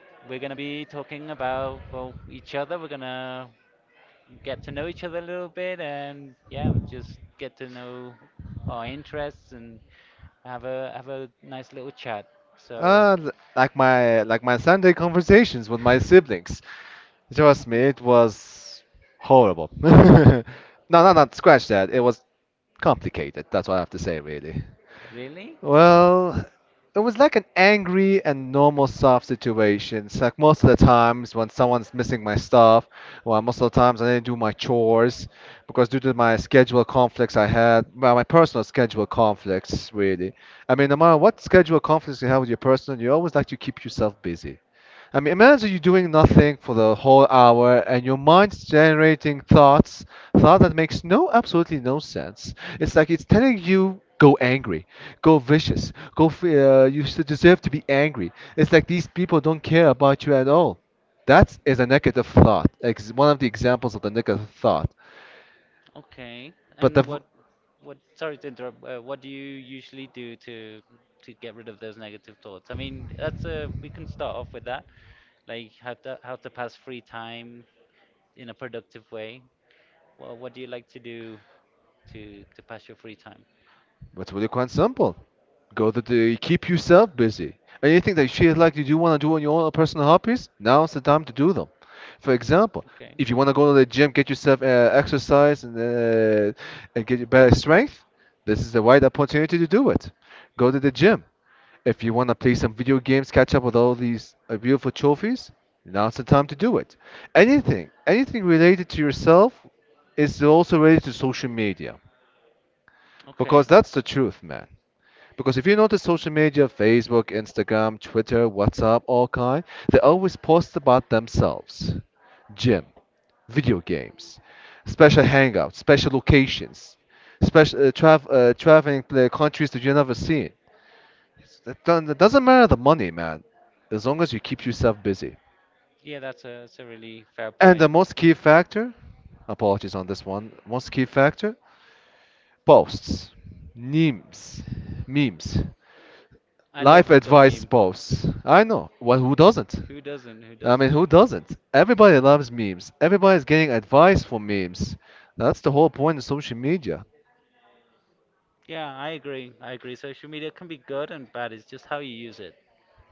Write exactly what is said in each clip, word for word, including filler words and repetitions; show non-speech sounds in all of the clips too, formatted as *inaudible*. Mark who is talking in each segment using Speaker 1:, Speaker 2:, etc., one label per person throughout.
Speaker 1: we're going to be talking about, well, each other. We're going to get to know each other a little bit and, yeah, just get to know our interests and have a have a nice little chat. So,
Speaker 2: Uh, l- like my like my Sunday conversations with my siblings. Trust me, it was horrible. *laughs* no, no, not scratch that. It was complicated. That's what I have to say, really.
Speaker 1: really?
Speaker 2: Well, it was like an angry and normal soft situation. It's like most of the times when someone's missing my stuff, well, most of the times I didn't do my chores because due to my schedule conflicts I had, well, my personal schedule conflicts, really. I mean, no matter what schedule conflicts you have with your personal, you always like to keep yourself busy. I mean, imagine you doing nothing for the whole hour and your mind's generating thoughts, thought that makes no absolutely no sense. It's like it's telling you go angry, go vicious, go f- uh, you should deserve to be angry. It's like these people don't care about you at all. That is a negative thought. Ex- one of the examples of the negative thought.
Speaker 1: Okay.
Speaker 2: But the
Speaker 1: And
Speaker 2: v-
Speaker 1: what what, sorry to interrupt. Uh, what do you usually do to to get rid of those negative thoughts? I mean, that's, uh we can start off with that. Like how to how to pass free time in a productive way. Well, what do you like to do to to pass your free time?
Speaker 2: It's really quite simple. Go to the keep yourself busy. Anything that you feel like you do want to do on your own personal hobbies, now's the time to do them. For example,
Speaker 1: Okay.
Speaker 2: if you want to go to the gym, get yourself uh, exercise and uh, and get your better strength, this is the right opportunity to do it. Go to the gym. If you want to play some video games, catch up with all these uh, beautiful trophies, now's the time to do it. Anything, anything related to yourself is also related to social media.
Speaker 1: Okay.
Speaker 2: Because that's the truth, man. Because if you notice social media, Facebook, Instagram, Twitter, WhatsApp, all kind, they always post about themselves. Gym, video games, special hangouts, special locations, special uh, trav uh, traveling uh, countries that you never seen. It's- It don't- it doesn't matter the money, man, as long as you keep yourself busy.
Speaker 1: Yeah, that's a that's a really fair
Speaker 2: And
Speaker 1: point.
Speaker 2: the most key factor, apologies on this one, most key factor posts, memes, memes,
Speaker 1: I
Speaker 2: life
Speaker 1: love a good
Speaker 2: advice
Speaker 1: meme.
Speaker 2: posts. I know. Well, who doesn't?
Speaker 1: Who doesn't?
Speaker 2: I mean, who doesn't? Everybody loves memes. Everybody's getting advice from memes. That's the whole point of social media.
Speaker 1: Yeah, I agree. I agree. Social media can be good and bad. It's just how you use it.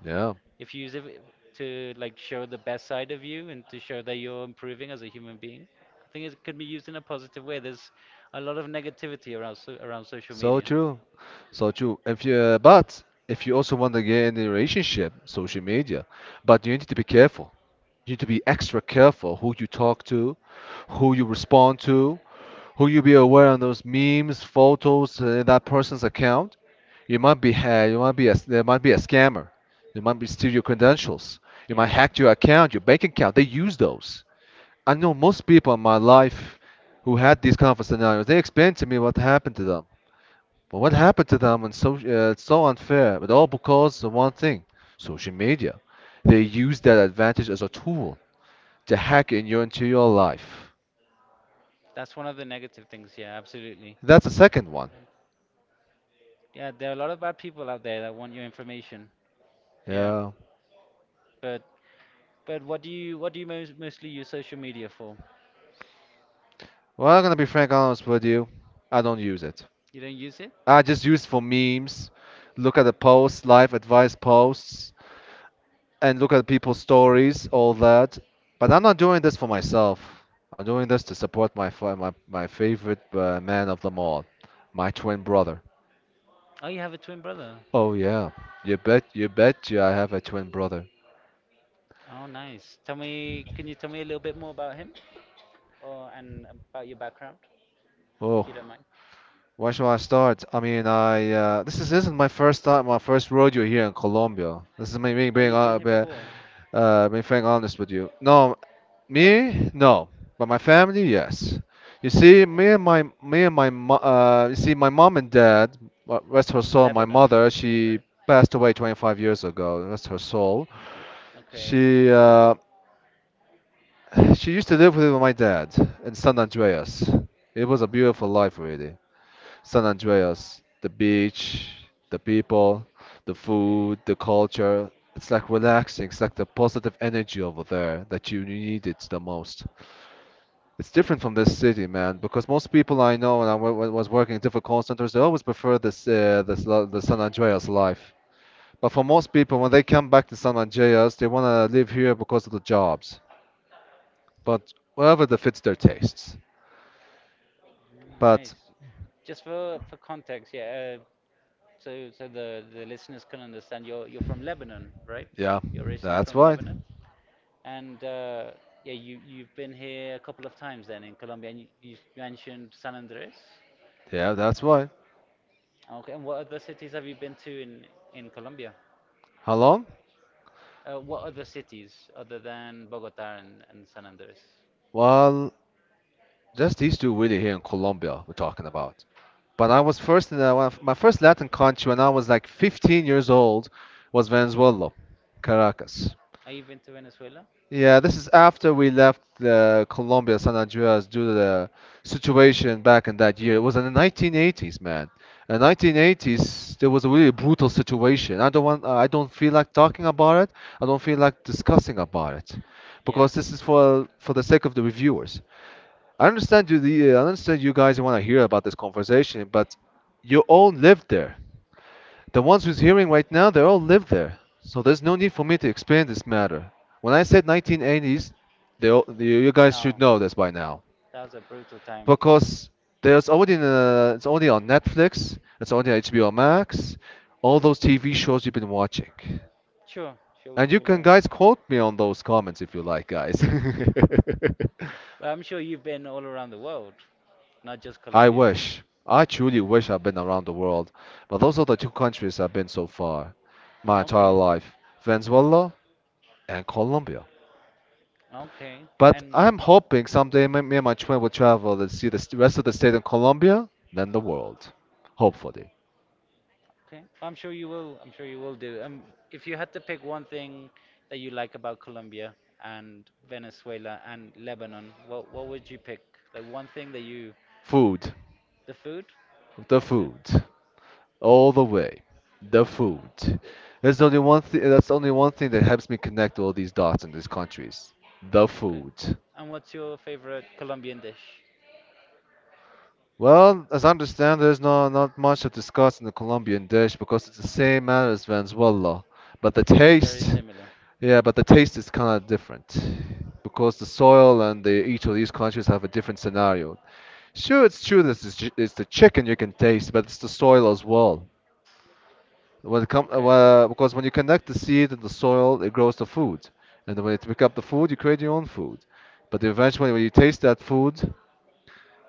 Speaker 2: Yeah.
Speaker 1: If you use it to, like, show the best side of you and to show that you're improving as a human being, I think it can be used in a positive way. There's a lot of negativity around so around social
Speaker 2: So
Speaker 1: media.
Speaker 2: true. So true. If you, but if you also want to get in a relationship, social media, but you need to be careful. You need to be extra careful who you talk to, who you respond to, who you be aware on those memes, photos, uh, that person's account. You might be ha you might be a, there might be a scammer. They might be steal your credentials. You might
Speaker 1: Yeah.
Speaker 2: hack your account, your bank account. They use those. I know most people in my life who had these kind of scenarios. They explained to me what happened to them. But what happened to them on social? Uh, it's so unfair, but all because of one thing: social media. They use that advantage as a tool to hack in your interior life.
Speaker 1: That's one of the negative things. Yeah, absolutely.
Speaker 2: That's the second one.
Speaker 1: Yeah, there are a lot of bad people out there that want your information. Yeah,
Speaker 2: Yeah.
Speaker 1: but but what do you what do you most, mostly use social media for?
Speaker 2: Well, I'm gonna be frank honest with you. I don't use it.
Speaker 1: You don't use it?
Speaker 2: I just use it for memes. Look at the posts, life advice posts. And look at people's stories, all that. But I'm not doing this for myself. I'm doing this to support my fa- my, my favorite uh, man of them all, my twin brother.
Speaker 1: Oh, you have a twin brother.
Speaker 2: Oh yeah, you bet you bet you I have a twin brother.
Speaker 1: Oh, nice. Tell me, can you tell me a little bit more about him, or and about your background,
Speaker 2: Oh.
Speaker 1: if you don't mind?
Speaker 2: Where shall I start? I mean, I uh, this is, isn't my first time, my first rodeo here in Colombia. This is me, me
Speaker 1: Oh,
Speaker 2: being
Speaker 1: you've been
Speaker 2: uh,
Speaker 1: here
Speaker 2: be-
Speaker 1: before.
Speaker 2: uh, being frank honest with you. No,
Speaker 1: Oh,
Speaker 2: me, no, but my family, yes. You see, me and my me and my mo- uh, you see, my mom and dad, uh, rest her
Speaker 1: from
Speaker 2: soul. My
Speaker 1: Lebanon,
Speaker 2: mother, she
Speaker 1: right?
Speaker 2: passed away twenty-five years ago. Rest her soul.
Speaker 1: Okay,
Speaker 2: She uh, *sighs* She used to live with my dad in San Andreas. It was a beautiful life, really. San Andreas, the beach, the people, the
Speaker 1: okay. Mm,
Speaker 2: food, the culture. It's like relaxing. It's like the positive energy over there that you needed the most. It's different from this city, man, because most people I know and I wa- wa- was working in different call centers, they always prefer this, uh, this lo- the San Andreas life. But for most people, when they come back to San Andreas, they want to live here because of the jobs but whatever that fits their tastes. But
Speaker 1: Nice. Just for for context, yeah. Uh, so so the the listeners can understand. You're you're from Lebanon, right?
Speaker 2: yeah,
Speaker 1: You're originally
Speaker 2: that's
Speaker 1: from
Speaker 2: why.
Speaker 1: Lebanon, and, uh, yeah, you you've been here a couple of times then in Colombia, and you, you mentioned San Andres.
Speaker 2: Yeah, that's why.
Speaker 1: Okay, and what other cities have you been to in in Colombia?
Speaker 2: How long?
Speaker 1: Uh, what other cities other than Bogota and, and San Andres?
Speaker 2: Well, just these two really here in Colombia we're talking about. But I was first in the, one of- my first Latin country when I was like fifteen years old was Venezuela, Caracas.
Speaker 1: Have you been to Venezuela?
Speaker 2: Yeah, this is after we left uh, Colombia, San Andreas, due to the situation back in that year. It was in the nineteen eighties, man. In nineteen eighties, there was a really brutal situation. I don't want, I don't feel like talking about it. I don't feel like discussing about it,
Speaker 1: Yeah.
Speaker 2: because this is for for the sake of the reviewers. I understand you, the, uh, I understand you guys want to hear about this conversation, but you all lived there. The ones who's hearing right now, they all live there. So there's no need for me to explain this matter. When I said nineteen eighties, they all, you you guys
Speaker 1: No,
Speaker 2: should know this by now.
Speaker 1: that was a brutal time.
Speaker 2: Because there's already uh, it's already on Netflix, it's already on H B O Max, all those T V shows you've been watching.
Speaker 1: Sure, sure,
Speaker 2: And
Speaker 1: we
Speaker 2: you can
Speaker 1: will.
Speaker 2: guys quote me on those comments if you like, guys.
Speaker 1: *laughs* But
Speaker 2: *laughs*
Speaker 1: I'm sure you've been all around the world, not just
Speaker 2: I
Speaker 1: Colombia.
Speaker 2: wish. I truly wish I've been around the world, but those are the two countries I've been so far, my entire
Speaker 1: Okay,
Speaker 2: life. Venezuela and Colombia.
Speaker 1: okay,
Speaker 2: But
Speaker 1: and
Speaker 2: I'm hoping someday me me and my twin will travel and see the st- rest of the state of Colombia, then the world. Hopefully.
Speaker 1: Okay, well, I'm sure you will. I'm sure you will do. Um, if you had to pick one thing that you like about Colombia and Venezuela and Lebanon, what what would you pick? Like one thing that you,
Speaker 2: Food.
Speaker 1: the food?
Speaker 2: The
Speaker 1: Okay,
Speaker 2: food. All the way. The food. There's only one thing that's only one thing that helps me connect all these dots in these countries. The
Speaker 1: okay.
Speaker 2: food.
Speaker 1: And what's your favorite Colombian dish?
Speaker 2: Well, as I understand, there's not, not much to discuss in the Colombian dish because it's the same manner as Venezuela. But the
Speaker 1: Very
Speaker 2: taste,
Speaker 1: similar.
Speaker 2: yeah, but the taste is kind of different because the soil and the, each of these countries have a different scenario. Sure, it's true that it's, ch- it's the chicken you can taste, but it's the soil as well. When it come, uh,
Speaker 1: Okay,
Speaker 2: wha- because when you connect the seed and the soil, it grows the food, and then when you pick up the food, you create your own food. But eventually, when you taste that food,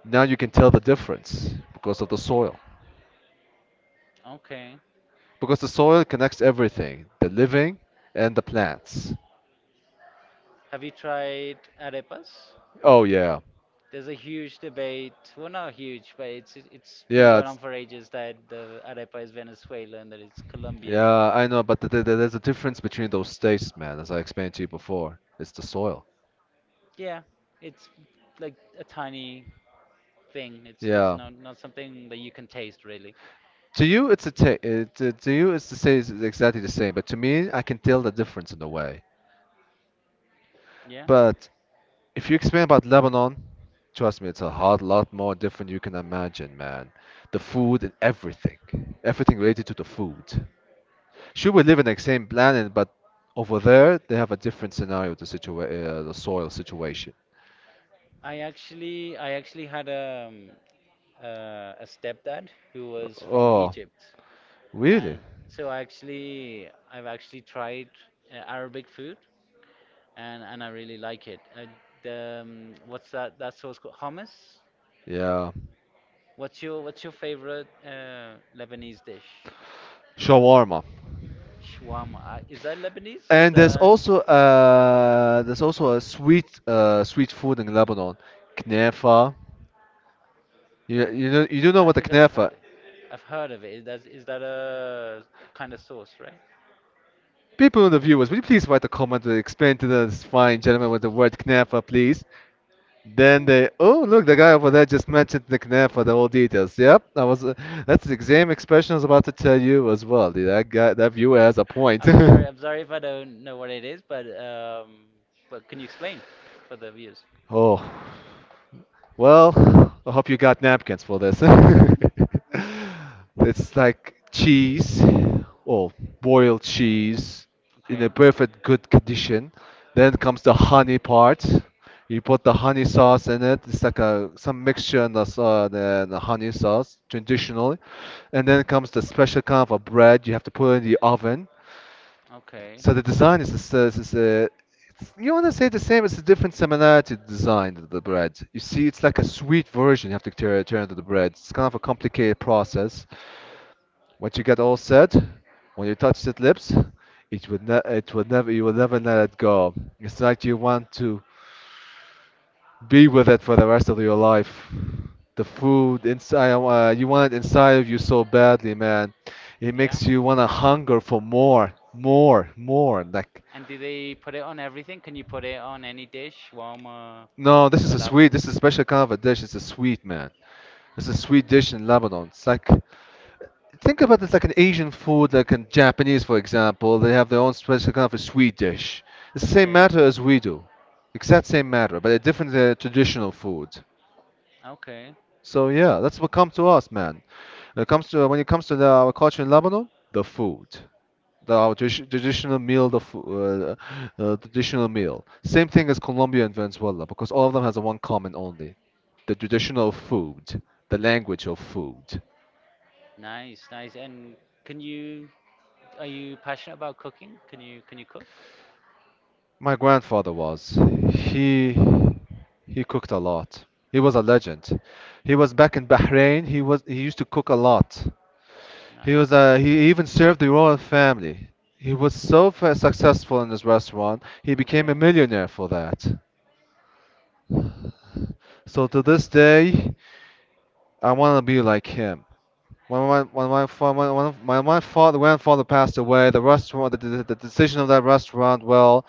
Speaker 2: now you can tell the difference because of the soil.
Speaker 1: okay.
Speaker 2: Because the soil connects everything, the living and the plants.
Speaker 1: Have you tried arepas?
Speaker 2: Oh yeah.
Speaker 1: There's a huge debate, well, not huge, but it's it- it's been
Speaker 2: Yeah,
Speaker 1: going on
Speaker 2: it's
Speaker 1: for ages that the arepa is Venezuelan, that it's Colombian.
Speaker 2: yeah, I know, but th th th- there's a difference between those states, man, as I explained to you before. It's the soil.
Speaker 1: Yeah, it's like a tiny thing. It's it's
Speaker 2: Yeah.
Speaker 1: not not something that you can taste really.
Speaker 2: To you, it's a ta- uh, to, to you, it's the same, it's exactly the same. But to me, I can tell the difference in a way.
Speaker 1: Yeah.
Speaker 2: But if you explain about Lebanon, trust me, it's a hard lot more different you can imagine, man. The food and everything, everything related to the food. Sure, we live in the same planet, but over there they have a different scenario, the situa- uh, the soil situation.
Speaker 1: I actually I actually had, um uh, a stepdad who was from
Speaker 2: Oh,
Speaker 1: Egypt,
Speaker 2: really?
Speaker 1: and so I actually I've actually tried, uh, Arabic food, and and I really like it. Uh, the um, What's that? That sauce called hummus.
Speaker 2: Yeah.
Speaker 1: What's your what's your favorite, uh, Lebanese dish?
Speaker 2: Shawarma.
Speaker 1: Shawarma. Uh, is that Lebanese or is
Speaker 2: And there's
Speaker 1: that?
Speaker 2: also uh there's also a sweet uh sweet food in Lebanon, knefa. You
Speaker 1: Can
Speaker 2: you know you do know
Speaker 1: I
Speaker 2: what the
Speaker 1: think I've
Speaker 2: knefa.
Speaker 1: heard it. I've heard of it. Is that is that a kind of sauce, right?
Speaker 2: People in the viewers, will you please write a comment to explain to this fine gentleman what the word knefa, please? Then they oh look the guy over there just mentioned the knefa, the whole details. Yep, that was uh, that's the same expression I was about to tell you as well. That guy that viewer has a point.
Speaker 1: I'm
Speaker 2: *laughs*
Speaker 1: *laughs* sorry. I'm sorry if I don't know what it is, but um, but can you explain for the viewers?
Speaker 2: Oh, well, I hope you got napkins for this. *laughs* It's like cheese or boiled cheese in a
Speaker 1: Okay.
Speaker 2: perfect good condition. Then comes the honey part. You put the honey sauce in it. It's like a some mixture in the, s- uh, the, the honey sauce traditionally. And then comes the special kind of a bread. You have to put in the oven.
Speaker 1: Okay.
Speaker 2: So the design is the s- uh, is uh, it's, you want to say the same. It's a different similarity to design the, the bread. You see, it's like a sweet version. You have to turn turn to the bread. It's kind of a complicated process. Once you get all set, when you touch the lips, it will ne- it will never you will never let it go. It's like you want to be with it for the rest of your life. The food inside, uh, you want it inside of you so badly, man. It makes you want to hunger for more, more, more. Like,
Speaker 1: And do they put it on everything? Can you put it on any dish? Warma,
Speaker 2: no, this is a sweet. This is a special kind of a dish. It's a sweet, man. It's a sweet dish in Lebanon. It's like Think about it like an Asian food, like in Japanese, for example. They have their own special kind of a sweet dish. It's the same matter
Speaker 1: it's
Speaker 2: as we do, exact same matter, but a different uh, traditional food.
Speaker 1: Okay.
Speaker 2: So yeah, that's what comes to us, man. When it comes to when it comes to the, our culture in Lebanon, the food, the our tradi- traditional meal, the fo- uh, uh, traditional meal. Same thing as Colombia and Venezuela, because all of them has a one common only, the traditional food, the language of food.
Speaker 1: Nice, nice. And can you are you passionate about cooking? Can you can you cook?
Speaker 2: My grandfather was. He he cooked a lot. He was a legend. He was back in Bahrain. He was he used to cook a lot.
Speaker 1: he
Speaker 2: He
Speaker 1: he
Speaker 2: was
Speaker 1: was
Speaker 2: uh, he even served the royal family. He was so fa- successful in his restaurant. He became a millionaire for that. So
Speaker 1: after.
Speaker 2: to this day, I want to be like him. When my when my fa- when when my my father grandfather passed away, the restaurant the, the, the decision of that restaurant, well,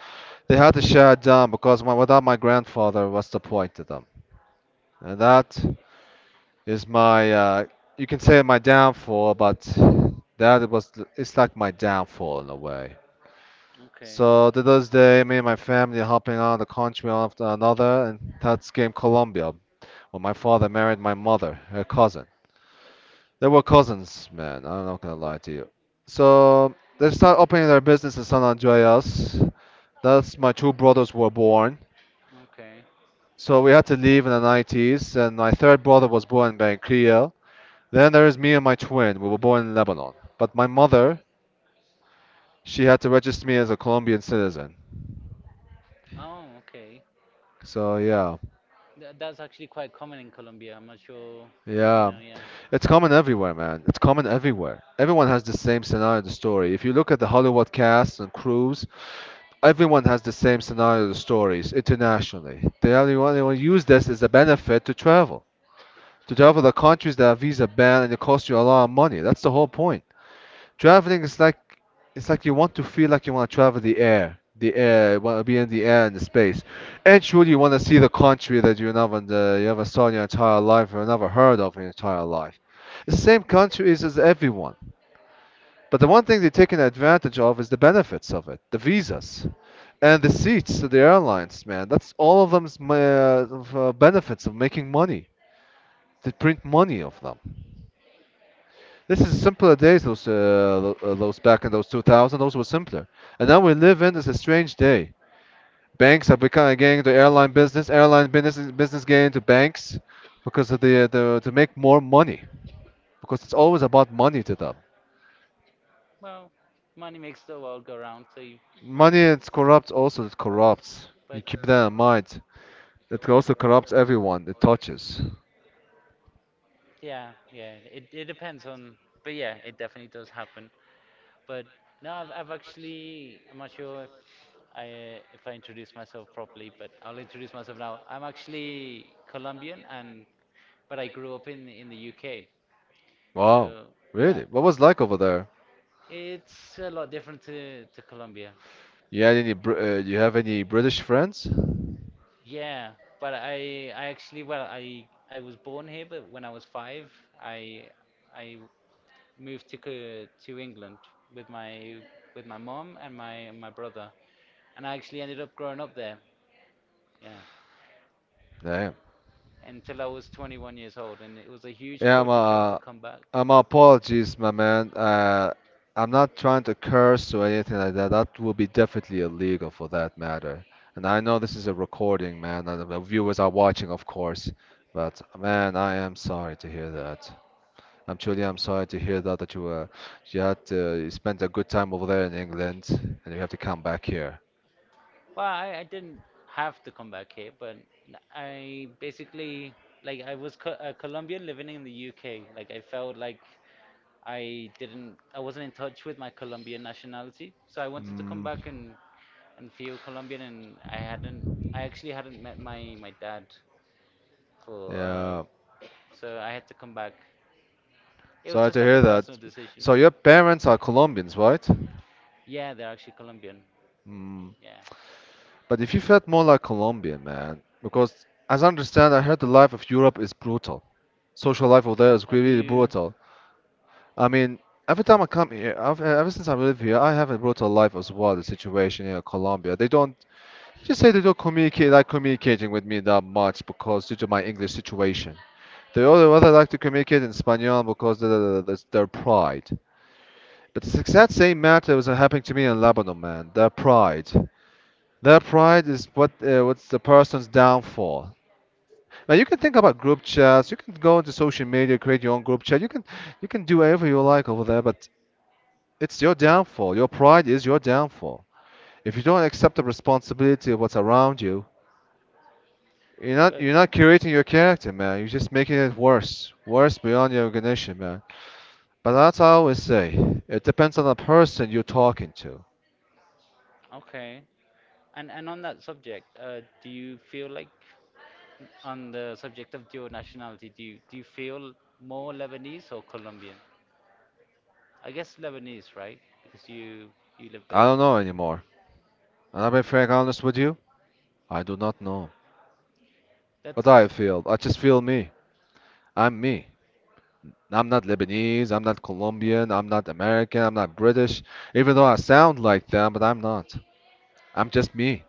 Speaker 2: they had to shut down because my, without my grandfather, what's the point to them? And that is my uh, you can say my downfall, but that was it's like my downfall in a way. So to this day, me and my family are helping out the country one after another, and that's came Colombia. When my father married my mother, her cousin. They were cousins, man. I'm not gonna
Speaker 1: But
Speaker 2: lie to you. So they started opening their business in San Andreas. That's my two brothers were born.
Speaker 1: okay.
Speaker 2: So we had to leave in the nineties, and my third brother was born in Bankia. Then there is me and my twin. We were born in Lebanon. But my mother, she had to register me as a Colombian citizen.
Speaker 1: Oh, okay.
Speaker 2: So yeah,
Speaker 1: Tha- that's actually quite common in Colombia. I'm not sure if you
Speaker 2: yeah.
Speaker 1: know. Yeah.
Speaker 2: It's common everywhere, man. It's common everywhere. Everyone has the same scenario, the story. If you look at the Hollywood cast and crews, everyone has the same scenario stories internationally. They only want to use this as a benefit to travel. To travel the countries that are visa banned and it costs you a lot of money. That's the whole point. Traveling is like It's like you want to feel like you want to travel the air. The air, you want to be in the air and the space. And surely you want to see the country that you never uh, you never saw in your entire life or never heard of in your entire life. It's the same country as everyone. But the one thing they're taking advantage of is the benefits of it, the visas and the seats to the airlines, man. That's all of them's ma- uh, Benefits of making money. They print money of them. This is simpler
Speaker 1: Okay.
Speaker 2: days. Those uh, tho- uh, those Back in those two thousand, those were simpler. And now we live in is a strange day. Banks are becoming getting into airline business. Airline business business getting into banks because of the, uh, the to make more money because it's always about money to them.
Speaker 1: Well, money makes the world go round. So, you,
Speaker 2: Money it's corrupt also it corrupts. You
Speaker 1: but,
Speaker 2: keep that in mind. It also corrupts everyone it touches.
Speaker 1: yeah, yeah. It it depends on, but, yeah, it definitely does happen. But no, I've I've actually I'm not sure if I uh, if I introduce myself properly, but I'll introduce myself now. I'm actually Colombian, and but I grew up in in the U K.
Speaker 2: Wow,
Speaker 1: So yeah,
Speaker 2: really? What was like over there?
Speaker 1: it's a lot different to, to Colombia.
Speaker 2: You had any Br- uh, you have any British friends?
Speaker 1: Yeah, but I I actually, well, I I was born here, but when I was five, I I moved to Co- to England with my with my mom and my and my brother, and I actually ended up growing up there. Yeah,
Speaker 2: Damn.
Speaker 1: until I was twenty-one years old, and it was a huge
Speaker 2: Yeah,
Speaker 1: culture shock to
Speaker 2: my,
Speaker 1: come back.
Speaker 2: uh, my apologies, my man. Uh, I'm not trying to curse or anything like that. That would be definitely illegal for that matter. And I know this is a recording, man, and the viewers are watching, of course. But man, I am sorry to hear that. I'm truly I'm sorry to hear that that you were you had to you spent a good time over there in England and you have to come back here.
Speaker 1: Well, I, I didn't have to come back here, but, n- I basically, like, I was co- a Colombian living in the U K. Like I felt like I didn't, I wasn't in touch with my Colombian nationality, so I wanted to come
Speaker 2: Mm,
Speaker 1: back and and feel Colombian, and I hadn't, I actually hadn't met my my dad for, uh,
Speaker 2: yeah.
Speaker 1: so I had to come back. It was
Speaker 2: Sorry to
Speaker 1: just like a
Speaker 2: hear that.
Speaker 1: personal decision.
Speaker 2: So your parents are Colombians, right?
Speaker 1: Yeah, they're actually Colombian.
Speaker 2: Mm.
Speaker 1: Yeah.
Speaker 2: But if you felt more like Colombian, man, because as I understand, I heard the life of Europe is brutal. Social life over there
Speaker 1: Have,
Speaker 2: is
Speaker 1: have
Speaker 2: really
Speaker 1: you?
Speaker 2: brutal. I mean, every time I come here, I've, ever since I live here, I have a brutal life as well. The situation here in Colombia, they don't just say they don't communicate like communicating with me that much because due to my English situation. They only rather like to communicate in Spanish because that- that- that's their pride. But the exact same matter was happening to me in Lebanon, man. Their pride. Their pride is what uh, what's the person's downfall. Now you can think about group chats. You can go into social media, create your own group chat. You can you can do whatever you like over there, but it's your downfall. Your pride is your downfall. If you don't accept the responsibility of what's around you, you're not
Speaker 1: But
Speaker 2: you're not curating your character, man. You're just making it worse, worse beyond your recognition, man. But that's I always say. It depends on the person you're talking to.
Speaker 1: okay. And and on that subject, uh, do you feel like on the subject of your nationality, do you, do you feel more Lebanese or Colombian? I guess Lebanese, right? Because you you live
Speaker 2: I
Speaker 1: there.
Speaker 2: don't know anymore. And I'll be frank honest with you, I do not know.
Speaker 1: That's
Speaker 2: But I feel, I just feel me. I'm me. I'm not Lebanese, I'm not Colombian, I'm not American, I'm not British, even though I sound like them, but I'm not. I'm just me.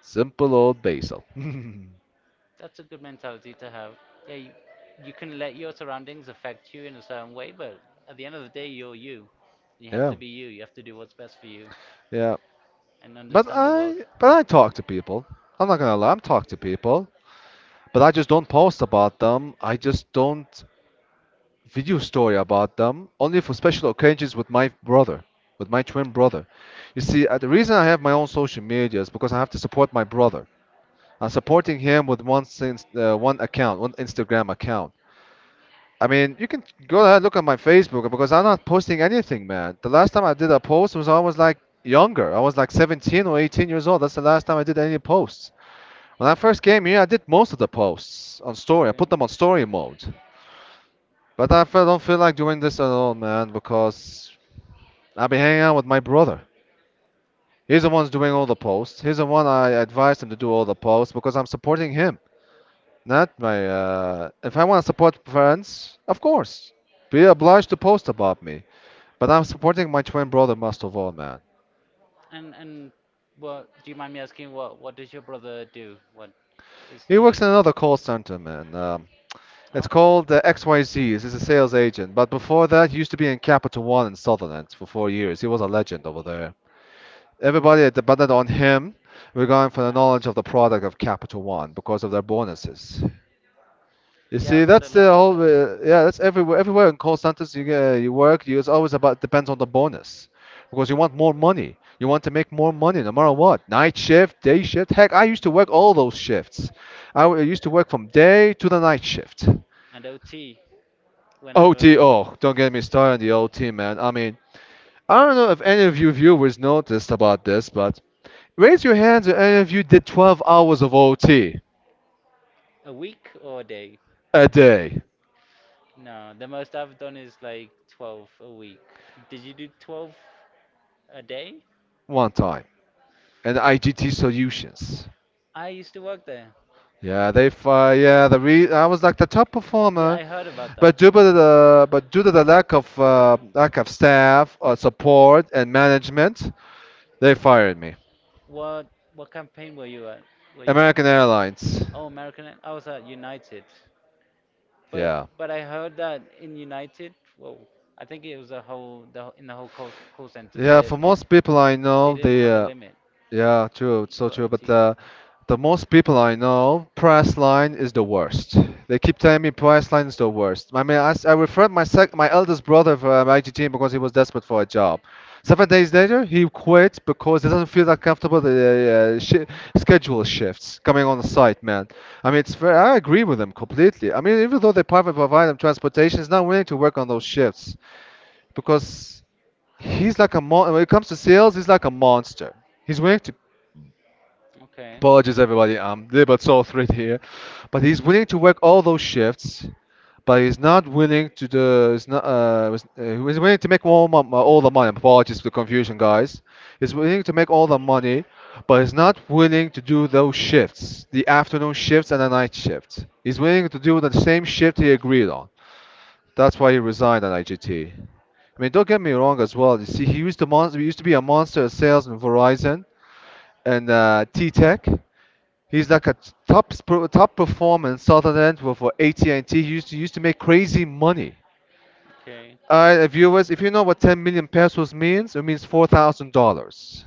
Speaker 2: Simple old Basil.
Speaker 1: that's a good mentality to have. Yeah, you, you can let your surroundings affect you in a certain way, but at the end of the day, you're you. You have
Speaker 2: Yeah,
Speaker 1: to be you. You have to do what's best for you
Speaker 2: yeah.
Speaker 1: and
Speaker 2: But
Speaker 1: understand the world.
Speaker 2: I, but I talk to people. I'm not gonna lie, I'm talk to people. But I just don't post about them. I just don't. Video story about them only for special occasions with my brother, with my twin brother. You see, uh, the reason I have my own social media is because I have to support my brother. I'm supporting him with one since uh, one account, one Instagram account. I mean, you can go ahead and look at my Facebook because I'm not posting anything, man. The last time I did a post was I was like younger. I was like seventeen or eighteen years old. That's the last time I did any posts. When I first came here, I did most of the posts on story. I
Speaker 1: Okay.
Speaker 2: put them on story mode. But I feel, don't feel like doing this at all, man, because I've been hanging out with my brother. He's the one's doing all the posts. He's the one I advised him to do all the posts because I'm supporting him, not my. Uh, if I want to support friends, of course, be obliged to post about me. But I'm supporting my twin brother most of all, man.
Speaker 1: And and what, do you mind me asking, What what does your brother do? What is
Speaker 2: He works
Speaker 1: he?
Speaker 2: in another call center, man. Um, it's called
Speaker 1: Okay.
Speaker 2: uh,
Speaker 1: X Y
Speaker 2: X Y Z.
Speaker 1: Zs.
Speaker 2: He's a sales agent, but before that, he used to be in Capital One in Sutherland for four years. He was a legend over there. Everybody depended on him
Speaker 1: We
Speaker 2: regarding
Speaker 1: Oh,
Speaker 2: for the knowledge
Speaker 1: nice.
Speaker 2: of the product of Capital One because of their bonuses. You
Speaker 1: Yeah,
Speaker 2: see,
Speaker 1: I've heard a
Speaker 2: that's the
Speaker 1: lot about
Speaker 2: whole.
Speaker 1: that.
Speaker 2: Uh, yeah, that's everywhere. Everywhere in call centers you uh, you work, you, it's always about depends on the bonus because you want more money. You want to make more money no matter what. Night shift, day shift. Heck, I used to work all those shifts. I w- used to work from day to the night shift.
Speaker 1: And O T, whenever.
Speaker 2: O T O. Don't get me started on the O T, man. I mean, I don't know if any of you viewers noticed about this, but raise your hands if any of you did twelve hours of O T
Speaker 1: A week or a day?
Speaker 2: a day,
Speaker 1: No, the most I've done is like twelve a week. Did you do twelve a day?
Speaker 2: one time, and I G T Solutions.
Speaker 1: I used to work there.
Speaker 2: Yeah, they fi- yeah, the re- I was like the top
Speaker 1: Yeah,
Speaker 2: performer,
Speaker 1: I heard about
Speaker 2: but
Speaker 1: that.
Speaker 2: due to the but due to the lack of uh, lack of staff, uh, support, and management, they fired me.
Speaker 1: What what campaign were you at? Were you?
Speaker 2: American Airlines.
Speaker 1: Oh, American. I was at United. But
Speaker 2: Yeah.
Speaker 1: but I heard that in United, well, I think it was a whole the, whole- in the whole call, call center
Speaker 2: Yeah,
Speaker 1: that
Speaker 2: for most people I
Speaker 1: they
Speaker 2: know,
Speaker 1: didn't
Speaker 2: they,
Speaker 1: have a
Speaker 2: uh,
Speaker 1: limit
Speaker 2: yeah, true, it's so
Speaker 1: for
Speaker 2: true. But
Speaker 1: O T.
Speaker 2: uh, the most people I know, price line is the worst. They keep telling me price line is the worst. I mean, I, s- I referred my sec- my eldest brother for um, I G T because he was desperate for a job. Seven days later, he quit because he doesn't feel that comfortable the uh, uh, shi schedule shifts coming on the site, man. I mean, it's fair. I agree with them completely. I mean, even though they private provide them transportation, is not willing to work on those shifts because he's like a mon- when it comes to sales, he's like a monster. He's willing to
Speaker 1: Okay.
Speaker 2: Apologies everybody, I'm a little bit soul thread here, but he's willing to work all those shifts, but he's not willing to do. He's not. Uh, was- uh, he's willing to make all, mon- uh, all the money. Apologies for the confusion, guys. He's willing to make all the money, but he's not willing to do those shifts, the afternoon shifts and the night shift. He's willing to do the same shift he agreed on. That's why he resigned at I G T. I mean, don't get me wrong as well. You see, he used to monster. He used to be a monster at sales in Verizon and uh, T-Tech. He's like a top sp- top performer in Southern End for, for A T and T. He used to used to make crazy money.
Speaker 1: Okay.
Speaker 2: Uh, viewers, if you know what ten million pesos means, it means four thousand dollars.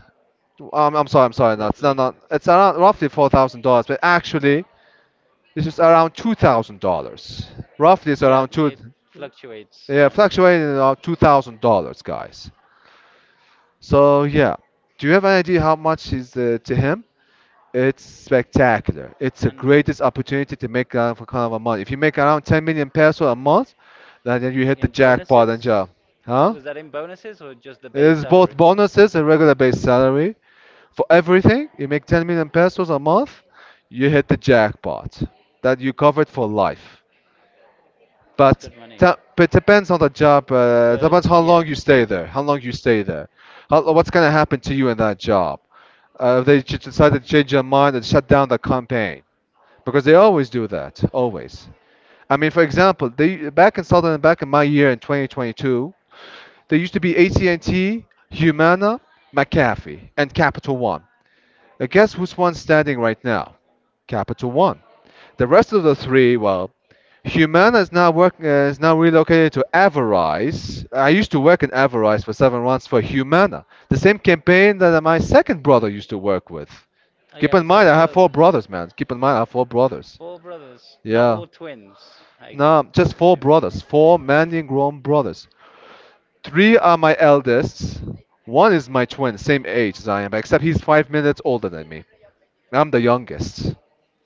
Speaker 2: Um, I'm sorry, I'm sorry. That's not,
Speaker 1: Roughly.
Speaker 2: not. It's around roughly four thousand dollars, but actually, this is around two thousand dollars. Roughly, it's
Speaker 1: Yeah,
Speaker 2: around
Speaker 1: yeah,
Speaker 2: two.
Speaker 1: it fluctuates.
Speaker 2: Yeah,
Speaker 1: Yeah.
Speaker 2: fluctuating around two thousand dollars, guys. So yeah, do you have an idea how much is uh, to him? It's spectacular. It's the
Speaker 1: And
Speaker 2: greatest opportunity to make that for kind of a month. If you make around ten million peso a month, then then you hit the
Speaker 1: in
Speaker 2: jackpot and
Speaker 1: bonuses,
Speaker 2: job, huh?
Speaker 1: was that in bonuses or just the
Speaker 2: It
Speaker 1: base
Speaker 2: is both
Speaker 1: salary?
Speaker 2: bonuses and regular base salary. For everything, you make ten million pesos a month, you hit the jackpot. That you covered for life.
Speaker 1: That's
Speaker 2: But
Speaker 1: good money.
Speaker 2: ta- it depends on the job. Uh, depends
Speaker 1: But
Speaker 2: how
Speaker 1: yeah.
Speaker 2: long you stay there. How long you stay there. How, what's gonna happen to you in that job? uh, if they ch- decide to change their mind and shut down the campaign because they always do that always. I mean, for example, they, back in southern back in my year in twenty twenty-two, there used to be AT&T, Humana, McAfee and Capital One, and guess which one's standing right now. Capital One. The rest of the three, well, Humana is now working. Uh, is now relocated to Avarice. I used to work in Avarice for seven months for Humana, the same campaign that my second brother used to work with.
Speaker 1: I, keep,
Speaker 2: Keep
Speaker 1: have a,
Speaker 2: in
Speaker 1: what's that,
Speaker 2: mind, I
Speaker 1: second
Speaker 2: have
Speaker 1: brother?
Speaker 2: four brothers, man. Keep in mind, I have four brothers.
Speaker 1: Four brothers. No,
Speaker 2: Yeah.
Speaker 1: all twins, I g-
Speaker 2: No, just four
Speaker 1: assume.
Speaker 2: brothers. Four manly grown brothers. Three are my eldest. One is my twin, same age as I am, except he's five minutes older than me. I'm the youngest.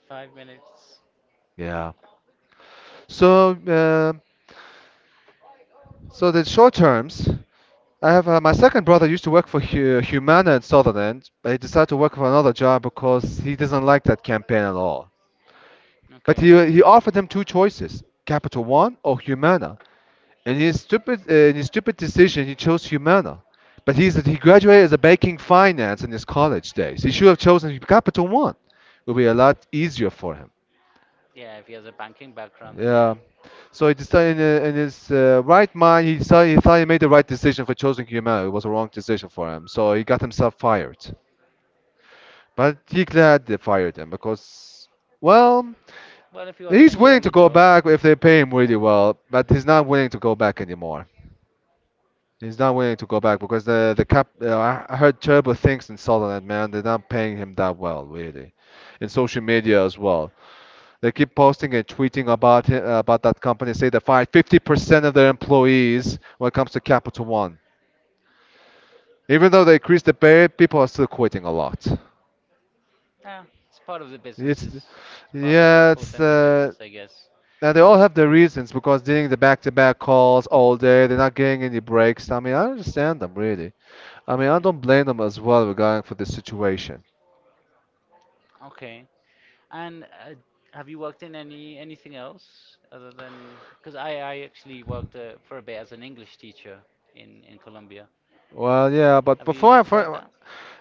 Speaker 1: Five minutes.
Speaker 2: Yeah. So, uh, so the short terms. I have uh, my second brother used to work for Hu- Humana in Sutherland, but he decided to work for another job because he doesn't like that campaign at all.
Speaker 1: If
Speaker 2: But he
Speaker 1: Okay.
Speaker 2: he offered him two choices: Capital One or Humana. And in his stupid, uh, in his stupid decision, he chose Humana. But he's, he graduated as a banking finance in his college days. He should have chosen Capital One. It would be a lot easier for him.
Speaker 1: Yeah, if he has a banking background, then yeah.
Speaker 2: Yeah. So he decided in, uh, in his uh, right mind, he decided, he thought he made the right decision for choosing Humana. It was a wrong decision for him. So he got himself fired. But he glad they fired him because, well,
Speaker 1: Well, if he wasn't
Speaker 2: he's willing
Speaker 1: enjoying
Speaker 2: to
Speaker 1: the wins
Speaker 2: go
Speaker 1: job,
Speaker 2: back if they pay him really well. But he's not willing to go back anymore. He's not willing to go back because the the cap. Uh, I I heard terrible things in Sunderland, man. They're not paying him that well, really, in social media as well. They keep posting and tweeting about it, about that company. Say they fired fifty percent of their employees when it comes to Capital One. Even though they increased the pay, people are still quitting a lot.
Speaker 1: yeah, it's part of the business.
Speaker 2: It's,
Speaker 1: It's part of the
Speaker 2: yeah,
Speaker 1: call
Speaker 2: it's.
Speaker 1: center
Speaker 2: Uh,
Speaker 1: business, I guess.
Speaker 2: now they all have their
Speaker 1: They-
Speaker 2: reasons because doing the back-to-back calls all day, they're not getting any breaks. I mean, I understand them really. I mean, I don't blame them as well regarding for this situation.
Speaker 1: Okay. And uh, have you worked in any anything else other than because I I actually worked, uh, for a bit as an English teacher in in Colombia.
Speaker 2: Well, yeah, but
Speaker 1: Have
Speaker 2: before
Speaker 1: you
Speaker 2: I,
Speaker 1: tried
Speaker 2: for,
Speaker 1: that?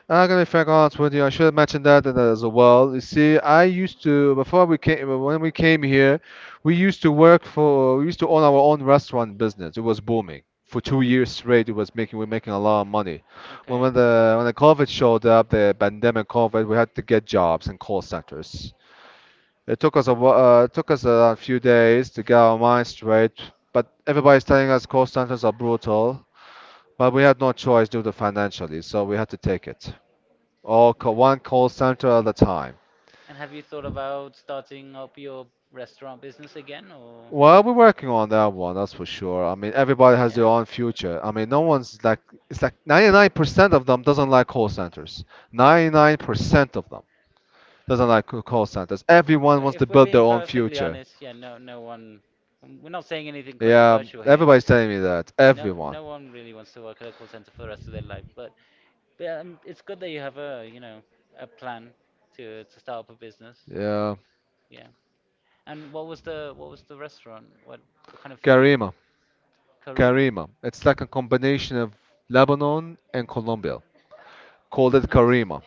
Speaker 2: I'm gonna be frank honest with you, I should have mentioned that as well. You see, I used to before we came when we came here, we used to work for we used to own our own restaurant business. It was booming for two years straight. It was making we were making a lot of money. When
Speaker 1: Okay.
Speaker 2: when the when the COVID showed up, the pandemic COVID, we had to get jobs in call centers. It took us a wh- uh, it took us a few days to get our minds straight, but everybody's telling us call centers are brutal. But we had no choice due to financially, so we had to take it. All co- one call center at a time.
Speaker 1: And have you thought about starting up your restaurant business again or
Speaker 2: Well, we're working on that one, that's for sure. I mean, everybody has their
Speaker 1: yeah?
Speaker 2: own future. I mean, no one's like, it's like ninety-nine percent of them doesn't like call centers. ninety-nine percent of them doesn't like c- call centers.
Speaker 1: Well,
Speaker 2: Everyone wants to
Speaker 1: if we're
Speaker 2: build their
Speaker 1: being
Speaker 2: own
Speaker 1: perfectly
Speaker 2: future.
Speaker 1: honest, yeah, no, no one. We're not saying anything
Speaker 2: Yeah,
Speaker 1: controversial here.
Speaker 2: everybody's telling me that.
Speaker 1: No,
Speaker 2: Everyone.
Speaker 1: no one really wants to work at a call center for the rest of their life, but, but um, it's good that you have a, you know, a plan to to start up a business.
Speaker 2: Yeah.
Speaker 1: Yeah. And what was the what was the restaurant? What what kind of food did you
Speaker 2: Karima.
Speaker 1: make? Karima?
Speaker 2: Karima. It's like a combination of Lebanon and Colombia. Called
Speaker 1: Oh,
Speaker 2: it
Speaker 1: nice,
Speaker 2: Karima.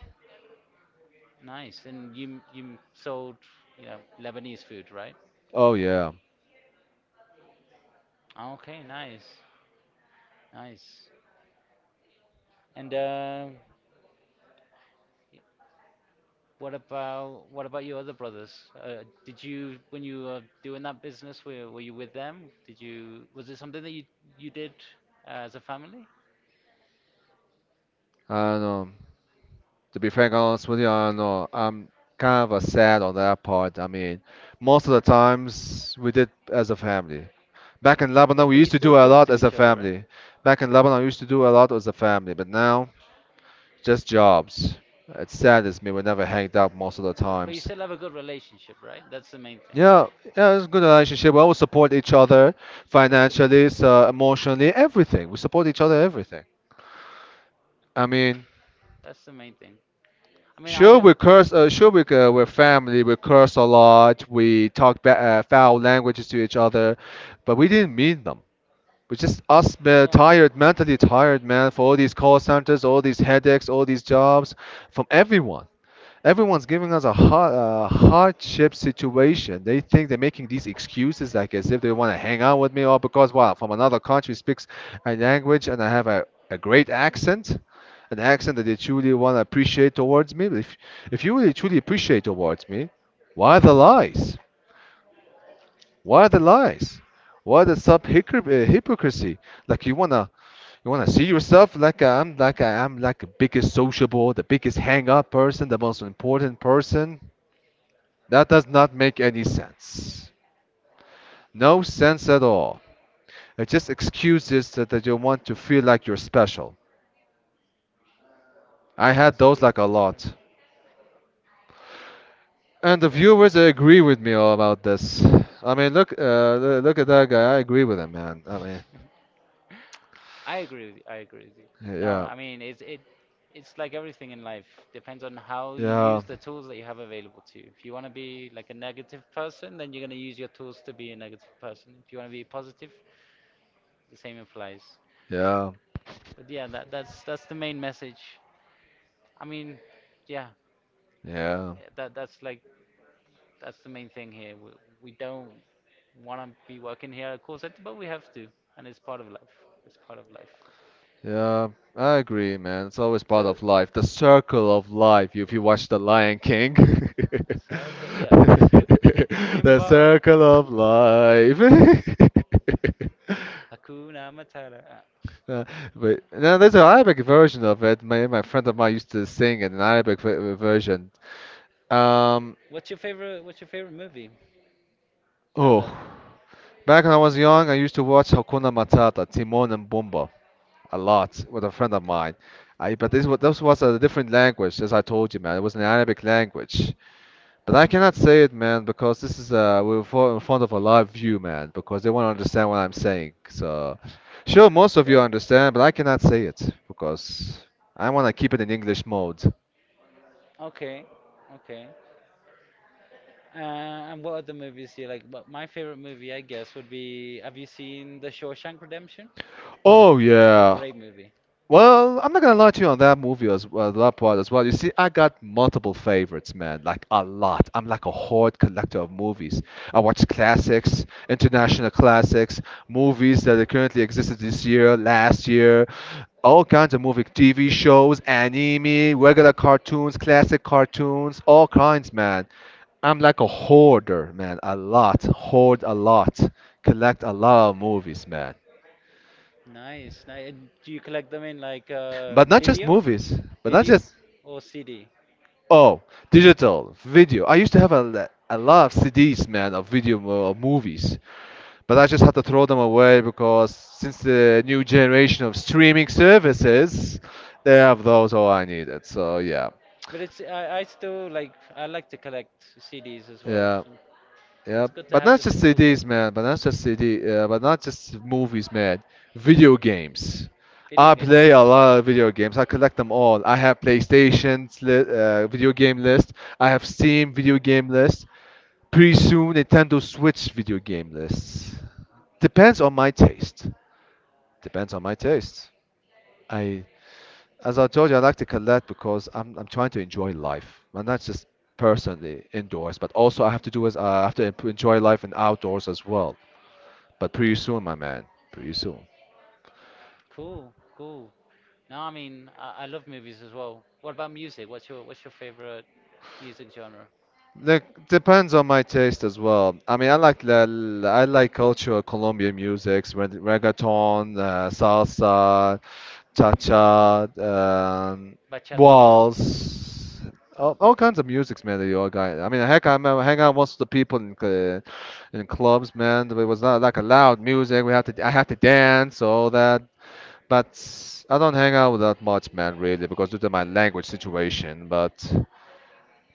Speaker 1: nice. And you you sold, you know, Lebanese food, right?
Speaker 2: Oh yeah.
Speaker 1: Okay, nice, nice. And uh, What about what about your other brothers? Uh, did you when you were doing that business, were were you with them? Did you was it something that you you did as a family?
Speaker 2: I do know. To be frank, honest with you, I know. I'm kind of uh, sad on that part. I mean, most of the times we did as a family. Back in Lebanon,
Speaker 1: But
Speaker 2: we
Speaker 1: but
Speaker 2: used
Speaker 1: you
Speaker 2: to
Speaker 1: still
Speaker 2: do a
Speaker 1: talk
Speaker 2: lot
Speaker 1: to
Speaker 2: as a
Speaker 1: each other, right?
Speaker 2: family. Back in Lebanon, we used to do a lot as a family, but now just jobs. It saddens me. We never hanged out most of the
Speaker 1: But, but you
Speaker 2: times.
Speaker 1: still have a good relationship, right? That's the main thing.
Speaker 2: Yeah, yeah, it's a good relationship. We always support each other
Speaker 1: That's the main
Speaker 2: financially, so emotionally, everything. We support each other, everything. I mean,
Speaker 1: that's the main thing. I mean, I
Speaker 2: sure
Speaker 1: don't.
Speaker 2: we curse, uh,
Speaker 1: Yeah,
Speaker 2: sure we uh, we're family. We curse a lot. We talk ba uh, foul languages to each other, but we didn't mean them. We just us uh, tired,
Speaker 1: that's
Speaker 2: mentally tired, man, for all these call centers, all these headaches, all these jobs from everyone. Everyone's giving us a hard, uh, hardship situation. They think they're making these excuses like as if they want to hang out with me or because, well, from another country speaks a language and I have a, a great accent, an accent that they truly want to appreciate towards me. But if, if you really truly appreciate towards me, why the lies? Why the lies? Why the sub hypocr- uh, hypocrisy? Like you wanna you wanna see yourself like I'm like I am like the biggest sociable, the biggest hang up person, the most important person. That does not make any sense. No sense at all. It just excuses that, that you want to feel like you're special. I had those
Speaker 1: true.
Speaker 2: like a lot. And the
Speaker 1: That's true.
Speaker 2: viewers
Speaker 1: That's
Speaker 2: agree
Speaker 1: true.
Speaker 2: with me all about this. I mean, look, uh, lo- look at that guy. I agree with him, man. I mean,
Speaker 1: I agree with I agree with you. No,
Speaker 2: yeah,
Speaker 1: I mean it's it it's like everything in life. Depends on how you
Speaker 2: yeah,
Speaker 1: use the tools that you have available to you. If you want to be like a negative person, then you're going to use your tools to be a negative person. If you want to be positive, the same applies.
Speaker 2: yeah,
Speaker 1: But yeah, that that's that's the main message. I mean, yeah,
Speaker 2: yeah.
Speaker 1: eh, that that's like that's the main thing here. We, we don't want to be working here at a call center, but we have to, and it's part of life. It's part of life.
Speaker 2: Yeah, I agree, man. It's always part
Speaker 1: So
Speaker 2: of life. The circle of life. If you watch The Lion King, *laughs*
Speaker 1: *laughs* the circle, yeah, *laughs* the circle, *laughs* the
Speaker 2: the
Speaker 1: Simba,
Speaker 2: circle of life. *laughs*
Speaker 1: *laughs* Hakuna Matata. Uh,
Speaker 2: Uh, but no, there's an Arabic version of it. My my friend of mine used to sing it, an Arabic v version. Um,
Speaker 1: What's your favorite? What's your favorite movie? Now, oh,
Speaker 2: Oh,
Speaker 1: that,
Speaker 2: back when I was young, I used to watch Hakuna Matata, Timon and Pumbaa, a lot with a friend of mine. I but this was this was a different language, as I told you, man. It was an Arabic language, but I cannot say it, man, because this is uh we're fo- in front of a live view, man, because they won't understand what I'm saying. So, sure, most of you
Speaker 1: well,
Speaker 2: understand, but I cannot say it because I want to keep it in English mode.
Speaker 1: can. Okay, okay. Uh, and what other movies do you like? But my favorite movie, I guess, would be. Have you seen The Shawshank Redemption?
Speaker 2: Oh
Speaker 1: That's a
Speaker 2: yeah.
Speaker 1: great movie.
Speaker 2: Well, I'm not gonna lie to you on that movie as well, that part as well. You see, I got multiple favorites, man, like a lot. I'm like a horde collector of movies. I watch classics, international classics, movies that are currently existed this year, last year, all kinds of movie, T V shows, anime, regular cartoons, classic cartoons, all kinds, man. I'm like a hoarder, man, a lot, hoard a lot, collect a lot of movies, man.
Speaker 1: Nice, nice. And do you collect them in, like,
Speaker 2: But
Speaker 1: um,
Speaker 2: not just
Speaker 1: video,
Speaker 2: movies, but not
Speaker 1: video,
Speaker 2: just
Speaker 1: or C D?
Speaker 2: oh, digital video. I used to have a, l- a lot of C Ds, man, of video mo- of movies, but I just had to throw them away because since the new generation of streaming services, they have those all I needed. So yeah,
Speaker 1: But it's I, I still, like, I like to collect C Ds as well.
Speaker 2: yeah.
Speaker 1: So
Speaker 2: Yeah,
Speaker 1: it's good to
Speaker 2: but
Speaker 1: have
Speaker 2: not
Speaker 1: the
Speaker 2: just
Speaker 1: physical
Speaker 2: C Ds,
Speaker 1: copy.
Speaker 2: man. But not just C D. Uh, but not just movies, man. Video games. I
Speaker 1: Video games.
Speaker 2: play a lot of video games. I collect them all. I have PlayStation's li- uh, video game list. I have Steam video game list. Pretty soon, Nintendo Switch video game lists. Depends on my taste. Depends on my taste. I as I told you, I like to collect because I'm I'm trying to enjoy life, and that's just personally indoors. But also, I have to do is uh, I have to en- enjoy life and outdoors as well. But pretty soon, my man, pretty soon.
Speaker 1: Cool, cool. No, I mean I, I love movies as well. What about music? What's your what's your favorite music genre?
Speaker 2: Like depends on my taste as well. I mean, I like la, la- I like cultural Colombian music, reggaeton, uh, salsa, cha-cha, um,
Speaker 1: Bachata.
Speaker 2: waltz, all, all kinds of musics, man. That you all got. I mean, heck, I remember hang out with most of the people in cl- in clubs, man. It was not like a loud music. We had to I had to dance, all that. But I don't hang out with that much, man, really, because due to my language situation. But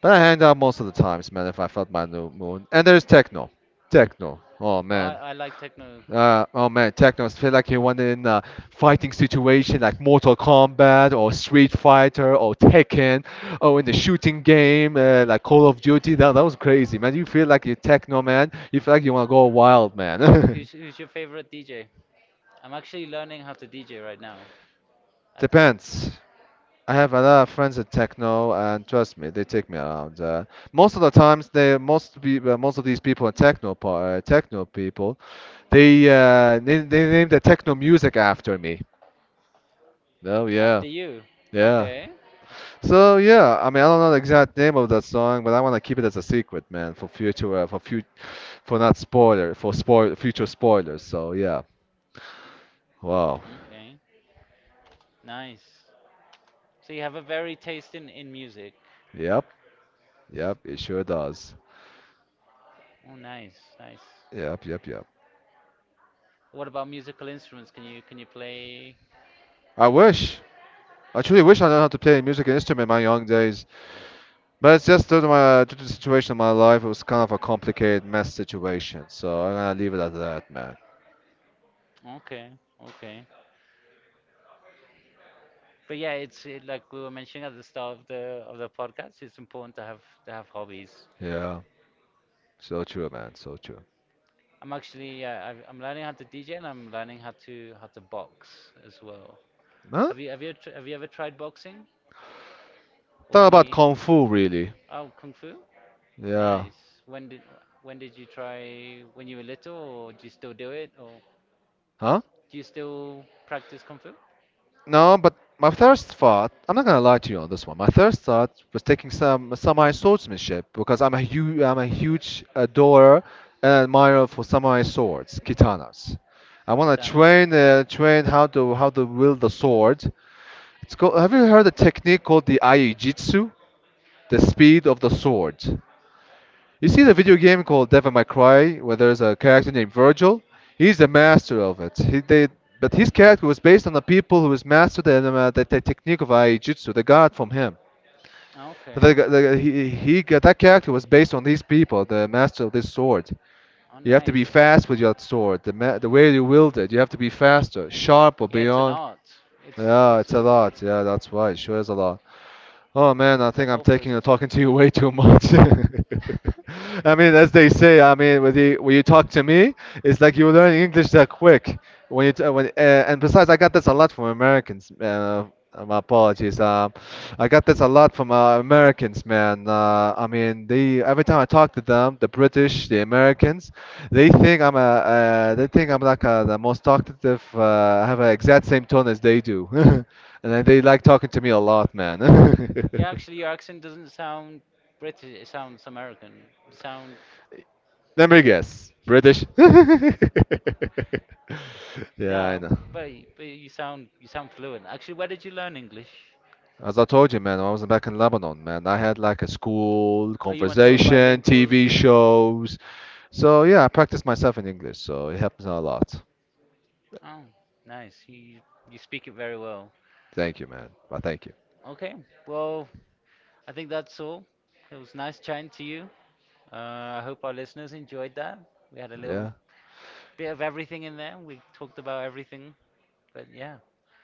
Speaker 2: but I hanged out most of the times, man, if I felt my new mood. And there's techno. Techno. Oh
Speaker 1: I,
Speaker 2: man.
Speaker 1: I like techno.
Speaker 2: Uh, oh man, techno. I feel like you want in a fighting situation like Mortal Kombat or Street Fighter or Tekken or in the shooting game uh, like Call of Duty. That, that was crazy, man. You feel like you're techno, man. You feel like you want to go wild,
Speaker 1: *laughs*
Speaker 2: man.
Speaker 1: Who's,
Speaker 2: *laughs*
Speaker 1: who's your favorite D J? I'm actually learning how to D J right now. At the,
Speaker 2: Depends. I have a lot of friends at techno, and trust me, they take me around. Uh, most of the times, they most be, uh, most of these people are techno pa- uh, techno people. They uh, they, they named the techno music after me. Oh yeah,
Speaker 1: after you.
Speaker 2: yeah.
Speaker 1: Okay.
Speaker 2: So yeah, I mean I don't know the exact name of that song, but I want to keep it as a secret, man, for future uh, for future for not spoiler for spoil future spoilers. So yeah, wow.
Speaker 1: Okay. Nice. So you have a very taste in, in music.
Speaker 2: Yep, yep. It sure does.
Speaker 1: Oh, nice, nice.
Speaker 2: Yep, yep, yep.
Speaker 1: What about musical instruments? Can you can you play?
Speaker 2: I wish. I truly wish I knew how to play a musical instrument in my young days, but it's just due to my due to the situation of my life, it was kind of a complicated mess situation. So I'm gonna leave it at that, man.
Speaker 1: Okay, okay. But yeah, it's it, like we were mentioning at the start of the of the podcast. It's important to have to have hobbies.
Speaker 2: Yeah. So true, man. So true.
Speaker 1: I'm actually, yeah, i I'm learning how to D J and I'm learning how to how to box as well.
Speaker 2: Huh?
Speaker 1: Have you have you tr- have you ever tried boxing or
Speaker 2: Talk about
Speaker 1: any?
Speaker 2: kung fu, really.
Speaker 1: Oh, kung fu.
Speaker 2: Yeah.
Speaker 1: Nice. When did when did you try? When you were little, or do you still do it, or
Speaker 2: Huh?
Speaker 1: do you still practice kung fu? I
Speaker 2: No, but my first thought, I'm not gonna lie to you on this one. My first thought was taking some samurai swordsmanship because I'm a huge, I'm a huge adorer and admirer for samurai swords, katanas. I wanna
Speaker 1: Katanas.
Speaker 2: train, uh, train how to how to wield the sword. It's called. Have you heard a technique called the aijutsu, the speed of the sword? You see the video game called Devil May Cry, where there's a character named Virgil. He's the master of it. He, they, but his character was based on the people who was mastered the, uh, the, the technique of Aijutsu. They got it from him.
Speaker 1: Ah, okay.
Speaker 2: The the he, he got, that character was based on these people, the master of this sword.
Speaker 1: Oh,
Speaker 2: You have to be
Speaker 1: nice.
Speaker 2: fast with your sword. The, ma- the way you wield it, you have to be faster, sharp or
Speaker 1: Yeah, it's an
Speaker 2: beyond.
Speaker 1: art. It's
Speaker 2: Yeah,
Speaker 1: it's
Speaker 2: it's a
Speaker 1: a
Speaker 2: lot. Yeah, that's right. Sure is a lot. Oh man, I
Speaker 1: it's a
Speaker 2: think I'm
Speaker 1: whole
Speaker 2: taking uh,
Speaker 1: process.
Speaker 2: talking to you *laughs* way too much. *laughs* I mean, as they say, I mean, when you, when you talk to me, it's like you learn English that quick. When you t- when uh, and besides, I got this a lot from Americans. Uh, my apologies. Um, I got this a lot from uh, Americans, man. Uh, I mean, they every time I talk to them, the British, the Americans, they think I'm a uh, they think I'm like uh the most talkative. Uh, I have an exact same tone as they do. *laughs* And I, they like talking to me a lot, man.
Speaker 1: Yeah, actually, your
Speaker 2: *laughs*
Speaker 1: accent doesn't sound British. It sounds American. It sound
Speaker 2: Let me guess. British? *laughs* Yeah, I
Speaker 1: No,
Speaker 2: know.
Speaker 1: but, y- but you sound you sound fluent. Actually, where did you learn English?
Speaker 2: As I told you, man, I was back in Lebanon, man, I had like a school,
Speaker 1: Oh, you went to a
Speaker 2: conversation,
Speaker 1: bilingual.
Speaker 2: T V shows. So yeah, I practiced myself in English, so it helps a lot.
Speaker 1: Oh, nice. You you speak it very well.
Speaker 2: Thank you, man. Well, thank you.
Speaker 1: Okay. Well, I think that's all. It was nice chatting to you. Uh, I hope our listeners enjoyed that. We had a little
Speaker 2: Yeah,
Speaker 1: bit of everything in there. We talked about everything. But yeah.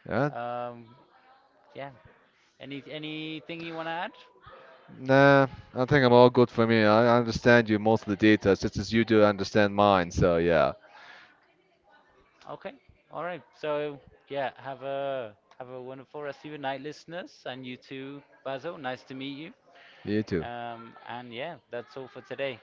Speaker 2: yeah.
Speaker 1: Um, yeah. Any anything you want to add?
Speaker 2: Nah, I think I'm all good for me. I I understand you most of the details, just as you do understand mine. So yeah,
Speaker 1: Okay. All right. So yeah, have a have a wonderful rest of your night, listeners, and you too, Basil. Nice to meet you.
Speaker 2: you too.
Speaker 1: Um, and yeah, that's all for today.